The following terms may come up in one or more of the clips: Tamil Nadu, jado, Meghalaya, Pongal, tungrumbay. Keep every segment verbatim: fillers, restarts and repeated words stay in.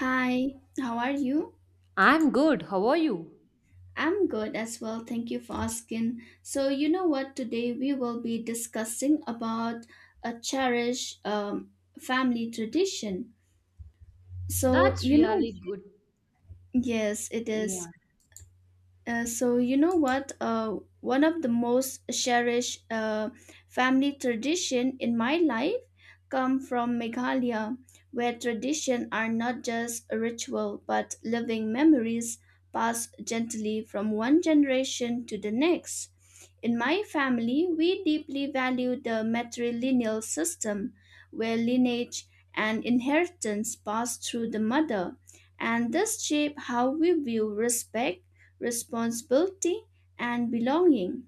Hi, how are you? I'm good. How are you? I'm good as well. Thank you for asking. So, you know what? Today we will be discussing about a cherished um, family tradition. So, That's you know, really good. yes, it is. Yeah. Uh, so you know what? Uh, one of the most cherished uh, family tradition in my life come from Meghalaya, where tradition are not just a ritual but living memories passed gently from one generation to the next. In my family, we deeply value the matrilineal system, where lineage and inheritance pass through the mother, and this shape how we view respect responsibility, and belonging.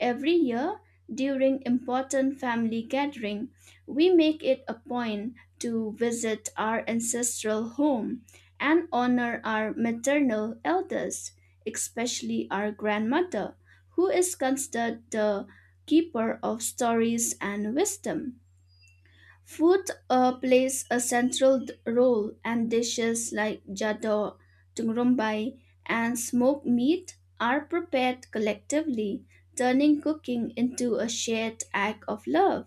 Every year, during important family gathering, we make it a point to visit our ancestral home and honor our maternal elders, especially our grandmother, who is considered the keeper of stories and wisdom. Food uh, plays a central d- role, and dishes like jado, tungrumbay, and smoked meat are prepared collectively, turning cooking into a shared act of love.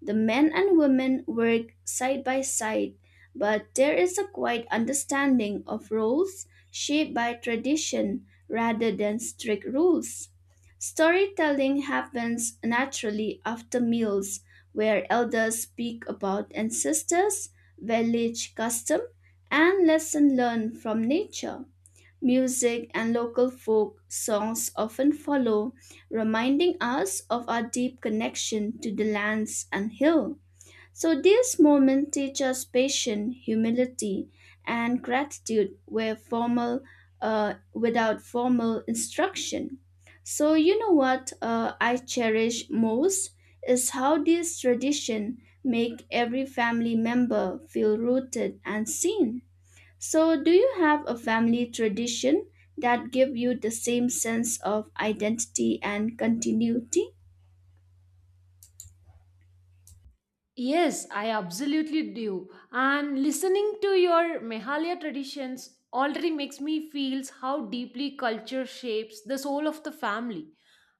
The men and women work side by side, but there is a quiet understanding of roles shaped by tradition rather than strict rules. Storytelling happens naturally after meals, where elders speak about ancestors, village custom, and lesson learned from nature. Music and local folk songs often follow, reminding us of our deep connection to the lands and hill. So these moments teach us patience, humility, and gratitude where formal, uh, without formal instruction. So you know what uh, I cherish most is how these tradition make every family member feel rooted and seen. So, do you have a family tradition that give you the same sense of identity and continuity? Yes, I absolutely do. And listening to your Meghalaya traditions already makes me feel how deeply culture shapes the soul of the family.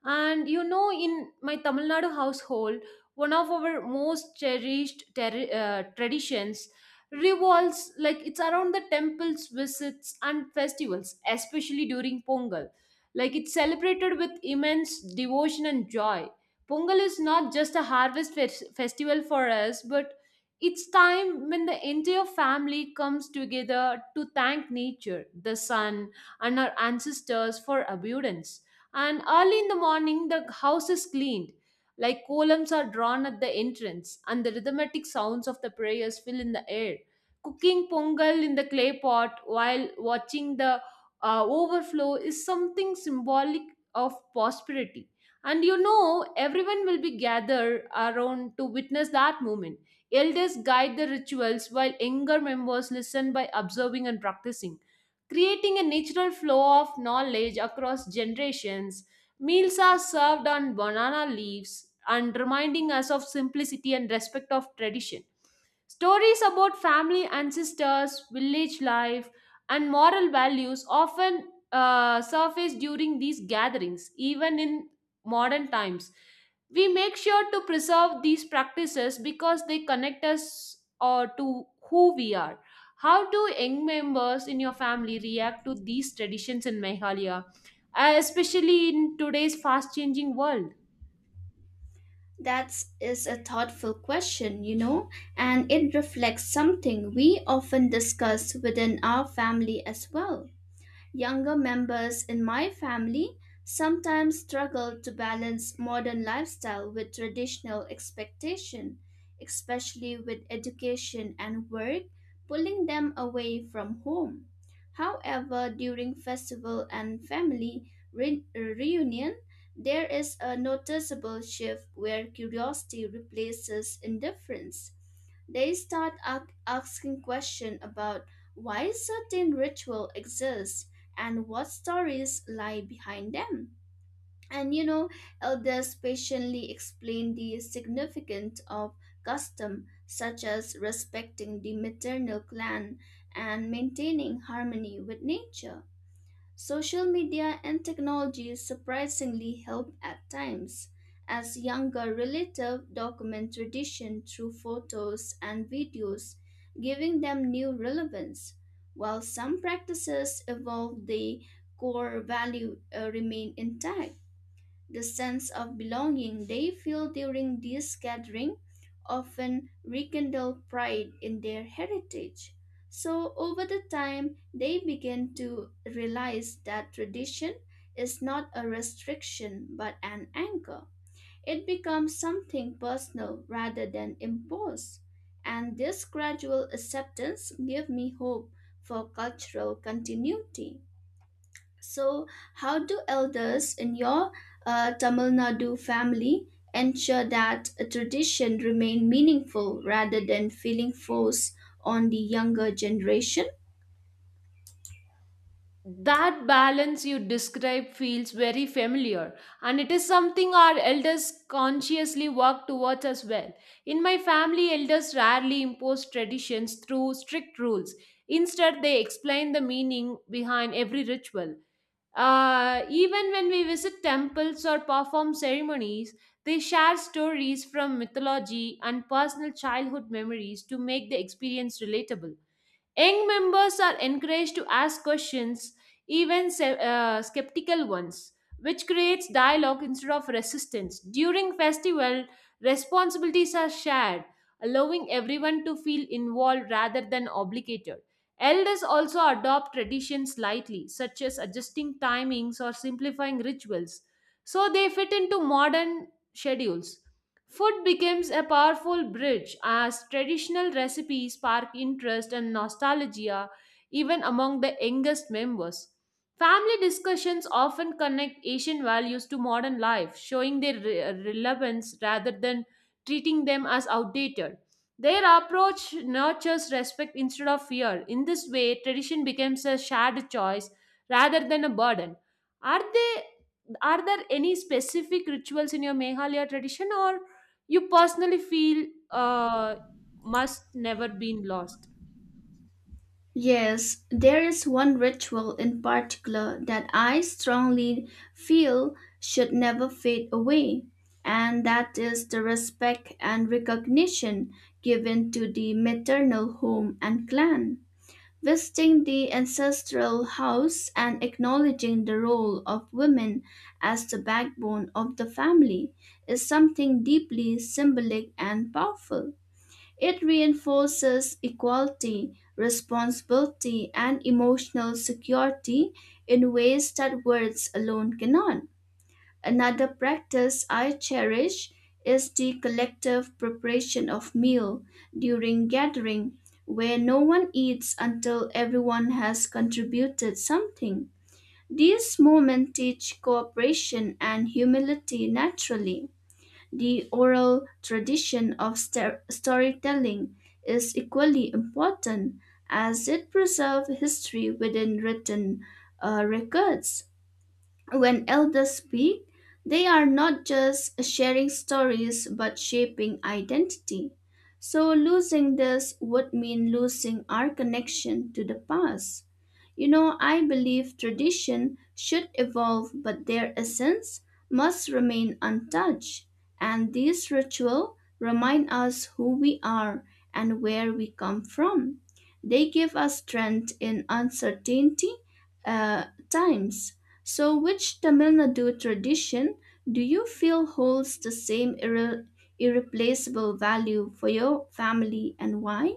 And you know, in my Tamil Nadu household, one of our most cherished ter- uh, traditions revolves like it's around the temples, visits, and festivals, especially during Pongal. Like it's celebrated with immense devotion and joy. Pongal is not just a harvest fes- festival for us, but it's time when the entire family comes together to thank nature, the sun, and our ancestors for abundance. And early in the morning, the house is cleaned, like columns are drawn at the entrance, and the rhythmic sounds of the prayers fill in the air. Cooking pongal in the clay pot while watching the uh, overflow is something symbolic of prosperity, and you know, everyone will be gathered around to witness that moment. Elders guide the rituals while younger members listen by observing and practicing, creating a natural flow of knowledge across generations. Meals are served on banana leaves and reminding us of simplicity and respect of tradition. Stories about family ancestors, village life, and moral values often uh, surface during these gatherings, even in modern times. We make sure to preserve these practices because they connect us uh, to who we are. How do young members in your family react to these traditions in Meghalaya, uh, especially in today's fast changing world? That is a thoughtful question, you know, and it reflects something we often discuss within our family as well. Younger members in my family sometimes struggle to balance modern lifestyle with traditional expectation, especially with education and work pulling them away from home. However, during festival and family re- reunion, there is a noticeable shift where curiosity replaces indifference they start ac- asking questions about why certain ritual exists and what stories lie behind them. And you know, elders patiently explain the significance of custom such as respecting the maternal clan and maintaining harmony with nature. Social media and technology surprisingly help at times, as younger relatives document tradition through photos and videos, giving them new relevance. While some practices evolve, the core value uh, remain intact. The sense of belonging they feel during this gathering often rekindle pride in their heritage. So over the time, they begin to realize that tradition is not a restriction but an anchor. It becomes something personal rather than imposed. And this gradual acceptance gives me hope for cultural continuity. So, how do elders in your uh, Tamil Nadu family ensure that a tradition remain meaningful rather than feeling forced on the younger generation? That balance you describe feels very familiar, and it is something our elders consciously work towards as well. In my family, elders rarely impose traditions through strict rules. Instead, they explain the meaning behind every ritual. Uh, even when we visit temples or perform ceremonies, they share stories from mythology and personal childhood memories to make the experience relatable. Young members are encouraged to ask questions, even se- uh, skeptical ones, which creates dialogue instead of resistance. During festival, responsibilities are shared, allowing everyone to feel involved rather than obligated. Elders also adopt traditions lightly, such as adjusting timings or simplifying rituals, so they fit into modern schedules. Food becomes a powerful bridge as traditional recipes spark interest and nostalgia even among the youngest members. Family discussions often connect Asian values to modern life, showing their re- relevance rather than treating them as outdated. Their approach nurtures respect instead of fear. In this way, tradition becomes a shared choice rather than a burden. Are they are there any specific rituals in your Meghalaya tradition or you personally feel uh, must never been lost? Yes, there is one ritual in particular that I strongly feel should never fade away, and that is the respect and recognition given to the maternal home and clan. Visiting the ancestral house and acknowledging the role of women as the backbone of the family is something deeply symbolic and powerful. It reinforces equality, responsibility, and emotional security in ways that words alone cannot. Another practice I cherish is the collective preparation of meal during gathering where no one eats until everyone has contributed something. These moments teach cooperation and humility naturally. The oral tradition of sta- storytelling is equally important as it preserves history within written uh, records. When elders speak, they are not just sharing stories but shaping identity. So, losing this would mean losing our connection to the past. You know, I believe tradition should evolve, but their essence must remain untouched. And these rituals remind us who we are and where we come from. They give us strength in uncertainty uh, times so, which Tamil Nadu tradition do you feel holds the same irre- irreplaceable value for your family and why?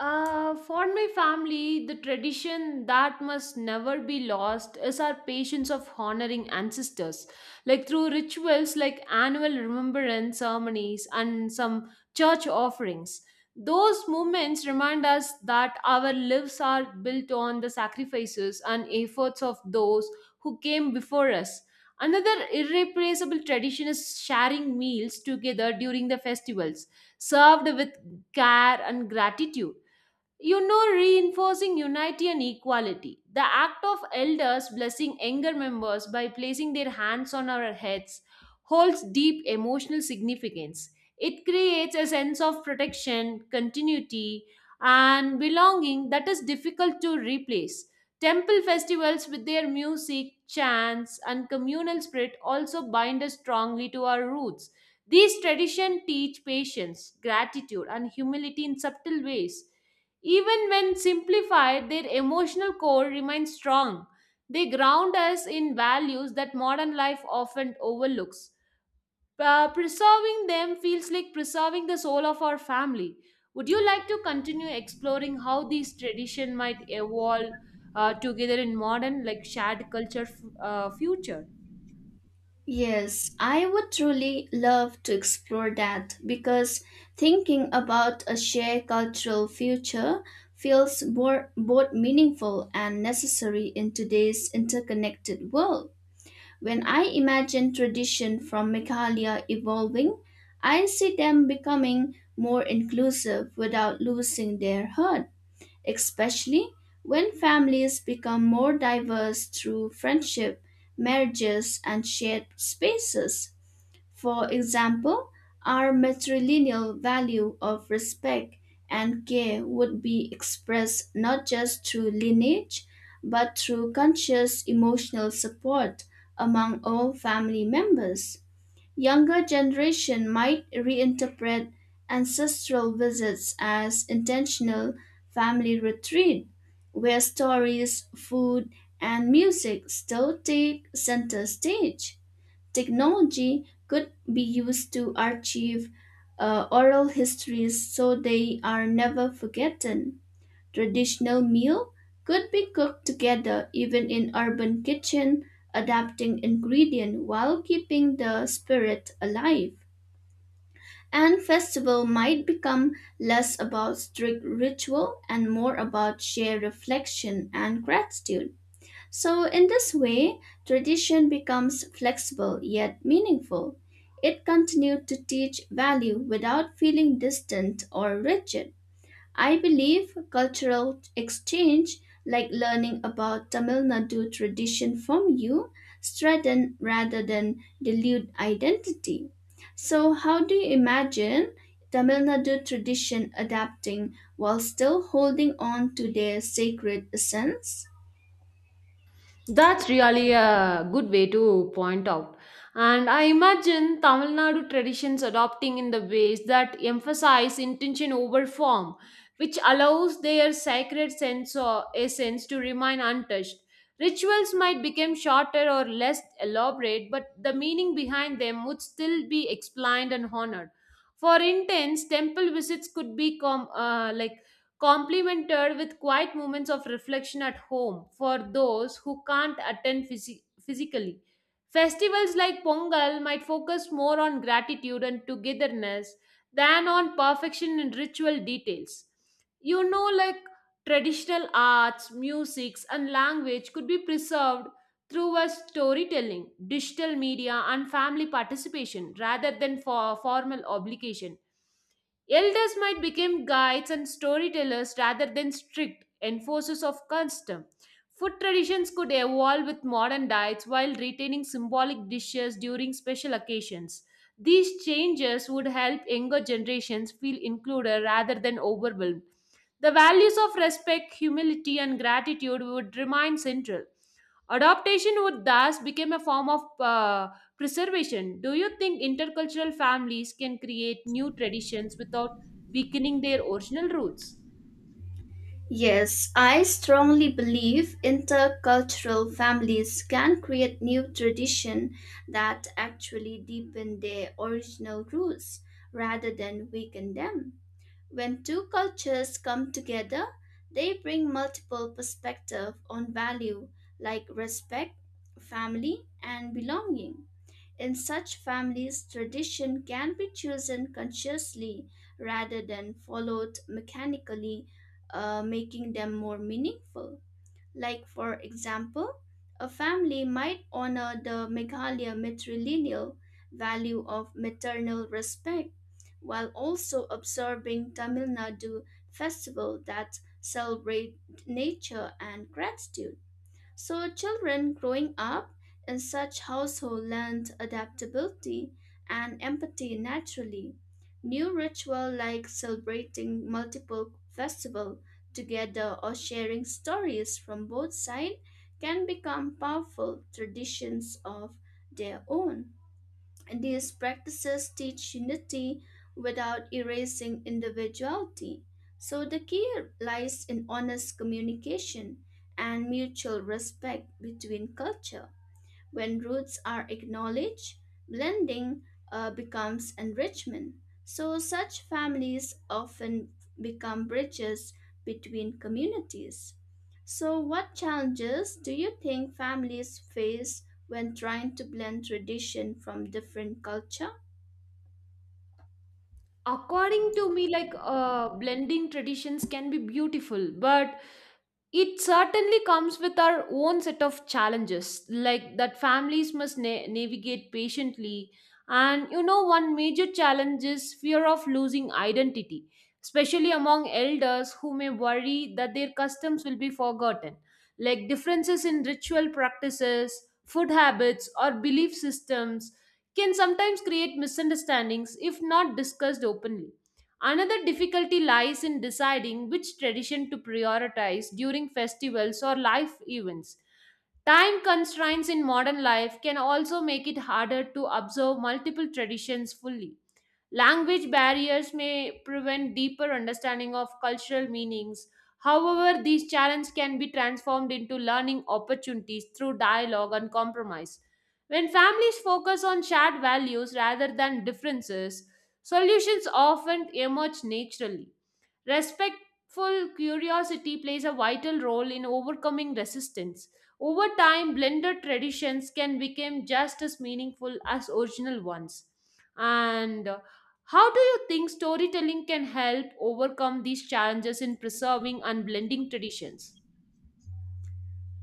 Uh, for my family, the tradition that must never be lost is our patience of honoring ancestors, like through rituals like annual remembrance ceremonies and some church offerings. Those moments remind us that our lives are built on the sacrifices and efforts of those who came before us. Another irreplaceable tradition is sharing meals together during the festivals, served with care and gratitude, you know, reinforcing unity and equality. The act of elders blessing younger members by placing their hands on our heads holds deep emotional significance. It creates a sense of protection, continuity, and belonging that is difficult to replace. Temple festivals with their music, chants, and communal spirit also bind us strongly to our roots. These traditions teach patience, gratitude, and humility in subtle ways, even when simplified, their emotional core remains strong. They ground us in values that modern life often overlooks. Uh, preserving them feels like preserving the soul of our family. Would you like to continue exploring how these tradition might evolve uh, together in modern, like shared culture f- uh, future? Yes, I would truly love to explore that because thinking about a shared cultural future feels more, both meaningful and necessary in today's interconnected world. When I imagine tradition from Meghalaya evolving, I see them becoming more inclusive without losing their heart, especially when families become more diverse through friendship, marriages, and shared spaces. For example, our matrilineal value of respect and care would be expressed not just through lineage, but through conscious emotional support among all family members. Younger generation might reinterpret ancestral visits as intentional family retreat, where stories, food, and music still take center stage. Technology could be used to archive uh, oral histories so they are never forgotten. Traditional meal could be cooked together even in urban kitchen, adapting ingredient while keeping the spirit alive. And festival might become less about strict ritual and more about shared reflection and gratitude. So, in this way, tradition becomes flexible yet meaningful. It continued to teach value without feeling distant or rigid. I believe cultural exchange, like learning about Tamil Nadu tradition from you, strengthen rather than dilute identity. So, how do you imagine Tamil Nadu tradition adapting while still holding on to their sacred essence? That's really a good way to point out. And I imagine Tamil Nadu traditions adopting in the ways that emphasize intention over form, which allows their sacred sense or essence to remain untouched. Rituals might become shorter or less elaborate, but the meaning behind them would still be explained and honored. For instance, temple visits could be com- uh, like complemented with quiet moments of reflection at home for those who can't attend physi- physically. Festivals like Pongal might focus more on gratitude and togetherness than on perfection in ritual details. You know, like traditional arts, musics, and language could be preserved through a storytelling, digital media, and family participation rather than for formal obligation. Elders might become guides and storytellers rather than strict enforcers of custom. Food traditions could evolve with modern diets while retaining symbolic dishes during special occasions. These changes would help younger generations feel included rather than overwhelmed. The values of respect, humility, and gratitude would remain central. Adaptation would thus become a form of uh, preservation. Do you think intercultural families can create new traditions without weakening their original roots? Yes, I strongly believe intercultural families can create new tradition that actually deepen their original roots rather than weaken them. When two cultures come together, they bring multiple perspectives on value like respect, family, and belonging. In such families, tradition can be chosen consciously rather than followed mechanically, uh, making them more meaningful. Like, for example, a family might honor the Meghalaya matrilineal value of maternal respect while also observing Tamil Nadu festival that celebrate nature and gratitude. So children growing up in such household learned adaptability and empathy naturally. New ritual like celebrating multiple festival together or sharing stories from both sides can become powerful traditions of their own. These practices teach unity without erasing individuality. So the key lies in honest communication and mutual respect between culture. When roots are acknowledged, blending uh, becomes enrichment. So, such families often become bridges between communities. So, what challenges do you think families face when trying to blend tradition from different culture? According to me, like uh, blending traditions can be beautiful, but it certainly comes with our own set of challenges, like that families must na- navigate patiently. And you know, one major challenge is fear of losing identity, especially among elders who may worry that their customs will be forgotten, like differences in ritual practices, food habits, or belief systems can sometimes create misunderstandings if not discussed openly. Another difficulty lies in deciding which tradition to prioritize during festivals or life events. Time constraints in modern life can also make it harder to observe multiple traditions fully. Language barriers may prevent deeper understanding of cultural meanings. However, these challenges can be transformed into learning opportunities through dialogue and compromise. When families focus on shared values rather than differences, solutions often emerge naturally. Respectful curiosity plays a vital role in overcoming resistance. Over time, blended traditions can become just as meaningful as original ones. And how do you think storytelling can help overcome these challenges in preserving and blending traditions?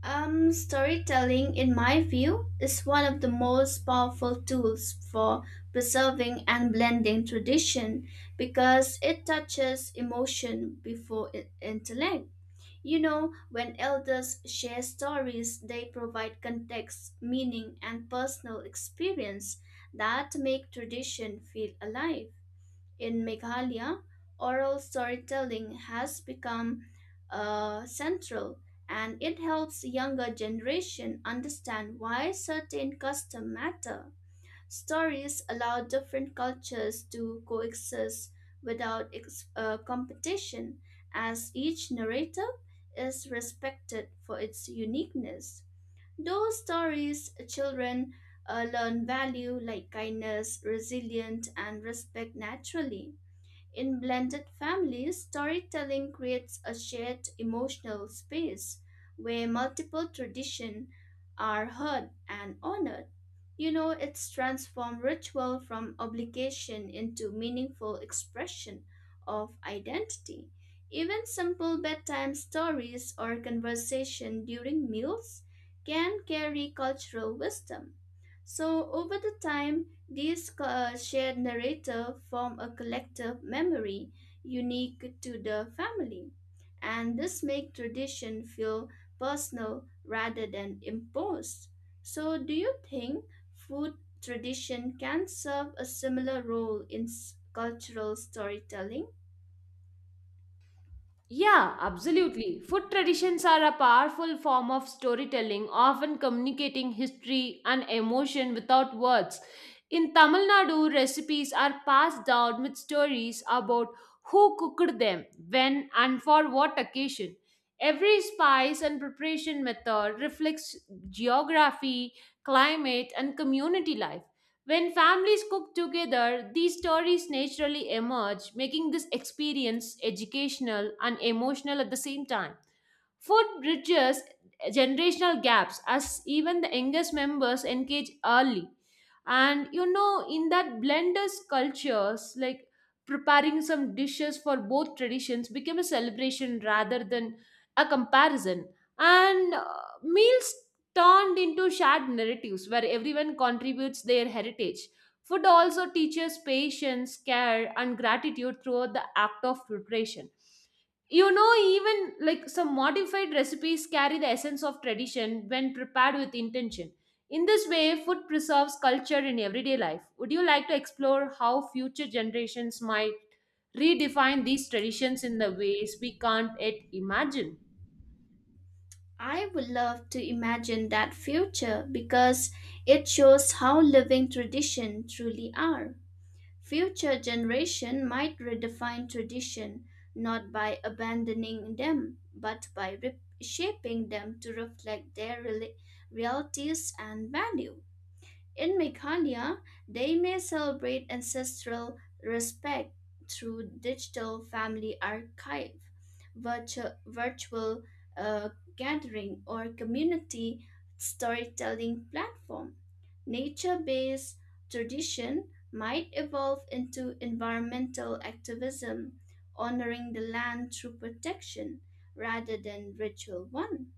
Um, storytelling, in my view, is one of the most powerful tools for preserving and blending tradition because it touches emotion before i- intellect. You know, when elders share stories, they provide context, meaning, and personal experience that make tradition feel alive. In Meghalaya, oral storytelling has become uh, central and it helps younger generation understand why certain customs matter. Stories allow different cultures to coexist without ex- uh, competition as each narrator is respected for its uniqueness. Those stories children uh, learn value like kindness, resilience and respect naturally. In blended families, storytelling creates a shared emotional space where multiple traditions are heard and honored. You know, it's transformed ritual from obligation into meaningful expression of identity. Even simple bedtime stories or conversation during meals can carry cultural wisdom. So, over the time, these co- uh, shared narrative form a collective memory unique to the family, and this make tradition feel personal rather than imposed. So, do you think Food tradition can serve a similar role in s- cultural storytelling. Yeah, absolutely. Food traditions are a powerful form of storytelling, often communicating history and emotion without words. In Tamil Nadu, recipes are passed down with stories about who cooked them, when, and for what occasion. Every spice and preparation method reflects geography, climate, and community life. When families cook together, these stories naturally emerge, making this experience educational and emotional at the same time. Food bridges generational gaps as even the youngest members engage early. And you know, in that blenders cultures, like preparing some dishes for both traditions became a celebration rather than a comparison. And uh, meals turned into shared narratives where everyone contributes their heritage. Food also teaches patience, care, and gratitude throughout the act of preparation, you know, even like some modified recipes carry the essence of tradition when prepared with intention. In this way, food preserves culture in everyday life. Would you like to explore how future generations might redefine these traditions in the ways we can't yet imagine? I would love to imagine that future because it shows how living tradition truly are. Future generation might redefine tradition not by abandoning them but by reshaping them to reflect their rela- realities and value. In Mekania, they may celebrate ancestral respect through digital family archive, virtu- virtual uh, gathering, or community storytelling platform. Nature based tradition might evolve into environmental activism, honoring the land through protection rather than ritual one.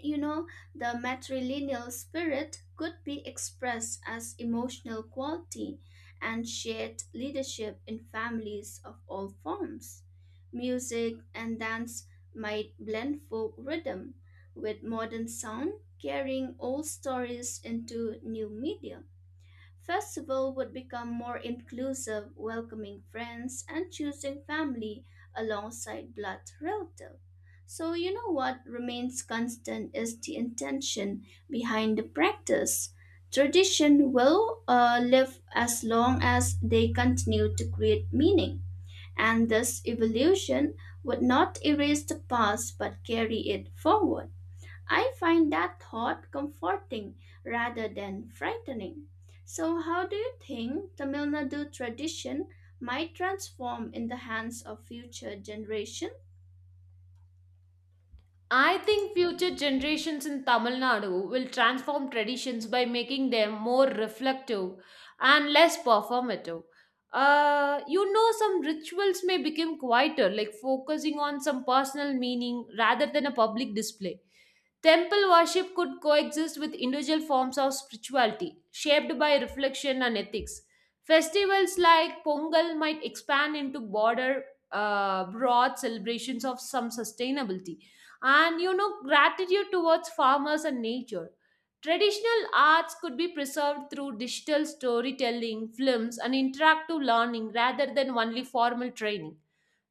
You know, the matrilineal spirit could be expressed as emotional quality and shared leadership in families of all forms. Music and dance might blend folk rhythm with modern sound, carrying old stories into new media. Festival would become more inclusive, welcoming friends and choosing family alongside blood relative. So you know what remains constant is the intention behind the practice. Tradition will uh, live as long as they continue to create meaning, and this evolution would not erase the past but carry it forward. I find that thought comforting rather than frightening. So, how do you think Tamil Nadu tradition might transform in the hands of future generations? I think future generations in Tamil Nadu will transform traditions by making them more reflective and less performative. Uh, you know, some rituals may become quieter, like focusing on some personal meaning rather than a public display. Temple worship could coexist with individual forms of spirituality, shaped by reflection and ethics. Festivals like Pongal might expand into broader, uh, broad celebrations of some sustainability and, you know, gratitude towards farmers and nature. Traditional arts could be preserved through digital storytelling, films, and interactive learning rather than only formal training.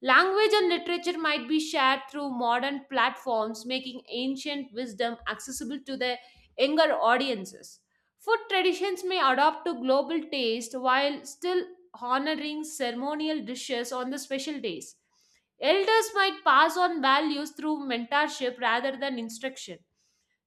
Language and literature might be shared through modern platforms, making ancient wisdom accessible to the younger audiences. Food traditions may adapt to global taste while still honoring ceremonial dishes on the special days. Elders might pass on values through mentorship rather than instruction.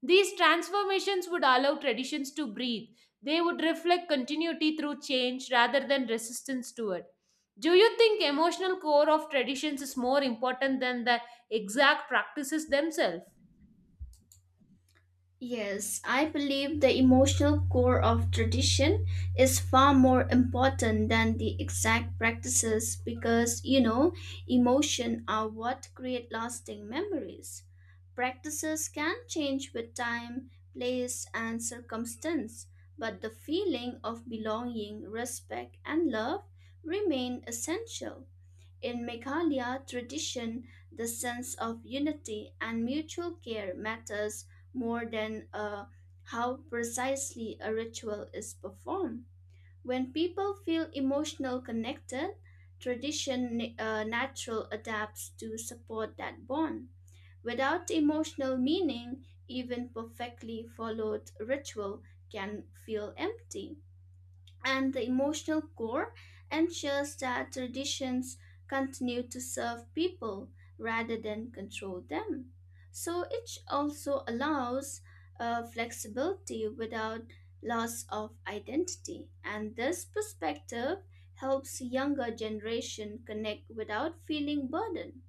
These transformations would allow traditions to breathe. They would reflect continuity through change rather than resistance to it. Do you think emotional core of traditions is more important than the exact practices themselves? Yes, I believe the emotional core of tradition is far more important than the exact practices because, you know, emotion are what create lasting memories. Practices can change with time, place, and circumstance, but the feeling of belonging, respect, and love remain essential. In Meghalaya tradition, the sense of unity and mutual care matters more than uh, how precisely a ritual is performed. When people feel emotional connected, tradition na- uh, natural adapts to support that bond. Without emotional meaning, even perfectly followed ritual can feel empty and the emotional core ensures that traditions continue to serve people rather than control them. So it also allows uh, flexibility without loss of identity, and this perspective helps younger generation connect without feeling burdened.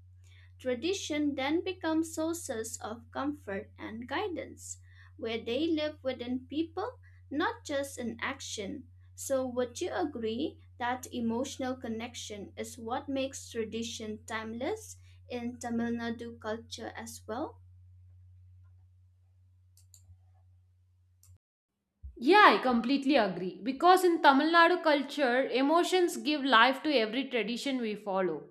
Tradition then becomes sources of comfort and guidance, where they live within people, not just in action. So, would you agree that emotional connection is what makes tradition timeless in Tamil Nadu culture as well? Yeah, I completely agree. Because in Tamil Nadu culture, emotions give life to every tradition we follow.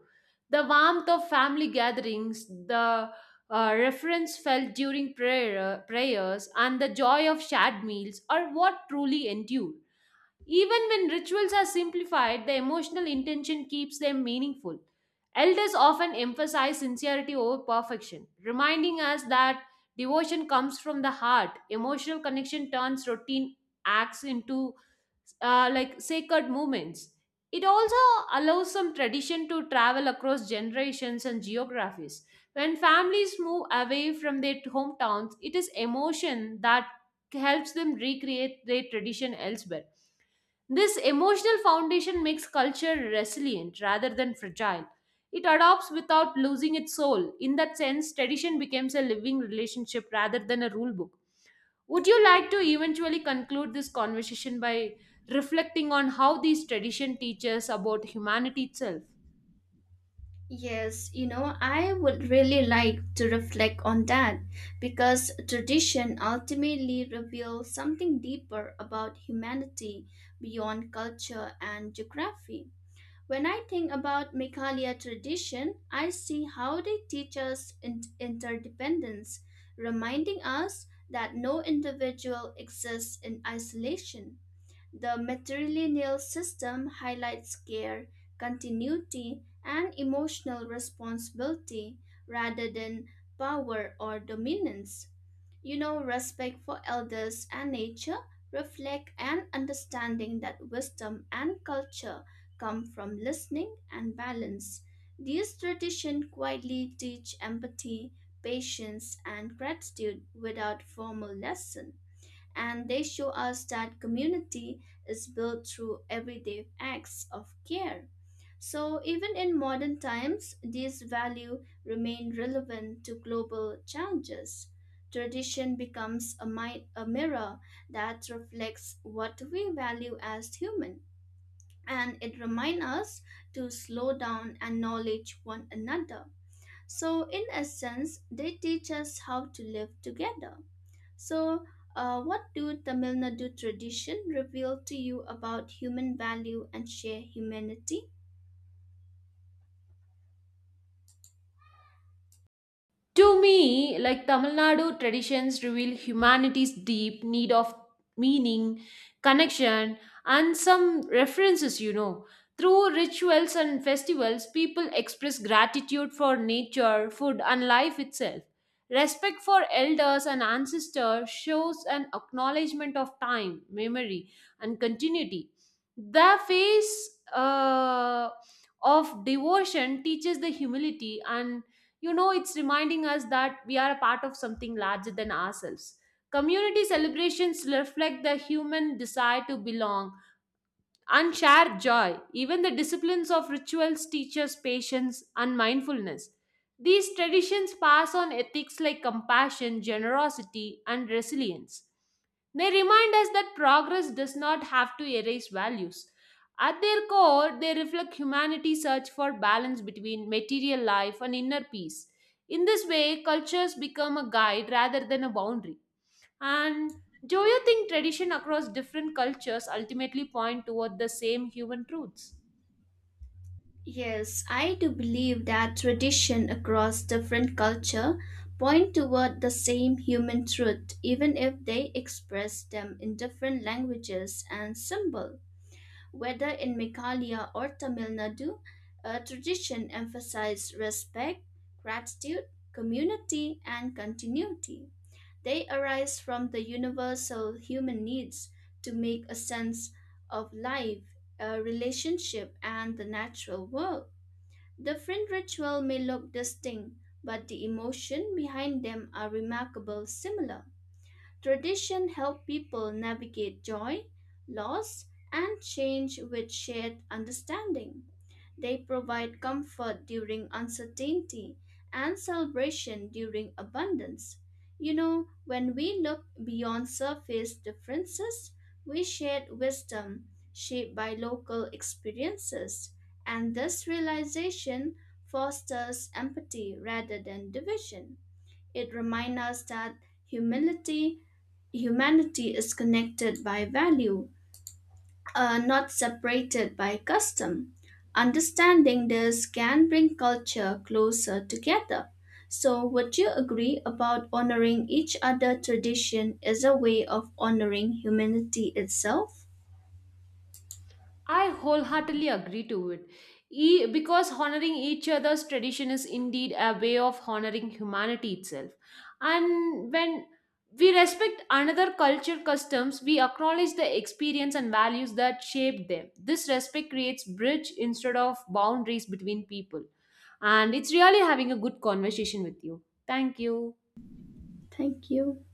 The warmth of family gatherings, the uh, reference felt during prayer, prayers, and the joy of shared meals are what truly endure. Even when rituals are simplified, the emotional intention keeps them meaningful. Elders often emphasize sincerity over perfection, reminding us that devotion comes from the heart. Emotional connection turns routine acts into uh, like sacred moments. It also allows some tradition to travel across generations and geographies. When families move away from their hometowns, it is emotion that helps them recreate their tradition elsewhere. This emotional foundation makes culture resilient rather than fragile. It adopts without losing its soul. In that sense, tradition becomes a living relationship rather than a rule book. Would you like to eventually conclude this conversation by reflecting on how these tradition teaches about humanity itself? Yes, you know, I would really like to reflect on that because tradition ultimately reveals something deeper about humanity beyond culture and geography. When I think about Meghalaya tradition, I see how they teach us in- interdependence, reminding us that no individual exists in isolation. The matrilineal system highlights care, continuity, and emotional responsibility rather than power or dominance. You know, respect for elders and nature reflect an understanding that wisdom and culture come from listening and balance. These traditions quietly teach empathy, patience, and gratitude without formal lesson and they show us that community is built through everyday acts of care. So, even in modern times, these values remain relevant to global challenges. Tradition becomes a, mi- a mirror that reflects what we value as human, and it reminds us to slow down and acknowledge one another. So, in essence, they teach us how to live together. So, uh, what do Tamil Nadu tradition reveal to you about human value and shared humanity? To me, like Tamil Nadu traditions reveal humanity's deep need of meaning, connection, and some references, you know. Through rituals and festivals, people express gratitude for nature, food, and life itself. Respect for elders and ancestors shows an acknowledgement of time, memory, and continuity. The phase uh, of devotion teaches the humility and, you know, it's reminding us that we are a part of something larger than ourselves. Community celebrations reflect the human desire to belong and share joy. Even the disciplines of rituals teach us patience and mindfulness. These traditions pass on ethics like compassion, generosity, and resilience. They remind us that progress does not have to erase values. At their core, they reflect humanity's search for balance between material life and inner peace. In this way, cultures become a guide rather than a boundary. And do you think tradition across different cultures ultimately point toward the same human truths? Yes, I do believe that tradition across different culture point toward the same human truth, even if they express them in different languages and symbol. Whether in Meghalaya or Tamil Nadu, a tradition emphasizes respect, gratitude, community, and continuity They arise from the universal human needs to make a sense of life, a relationship, and the natural world. The Different ritual may look distinct, but the emotion behind them are remarkably similar. Tradition help people navigate joy, loss, and change with shared understanding. They provide comfort during uncertainty and celebration during abundance. You know, when we look beyond surface differences, we share wisdom shaped by local experiences, and this realization fosters empathy rather than division. It reminds us that humility humanity is connected by value uh, not separated by custom. Understanding this can bring culture closer together. So, would you agree about honoring each other tradition as a way of honoring humanity itself? I wholeheartedly agree to it. E- because honoring each other's tradition is indeed a way of honoring humanity itself. And when we respect another culture customs, we acknowledge the experience and values that shaped them. This respect creates bridge instead of boundaries between people. And it's really having a good conversation with you. Thank you. Thank you.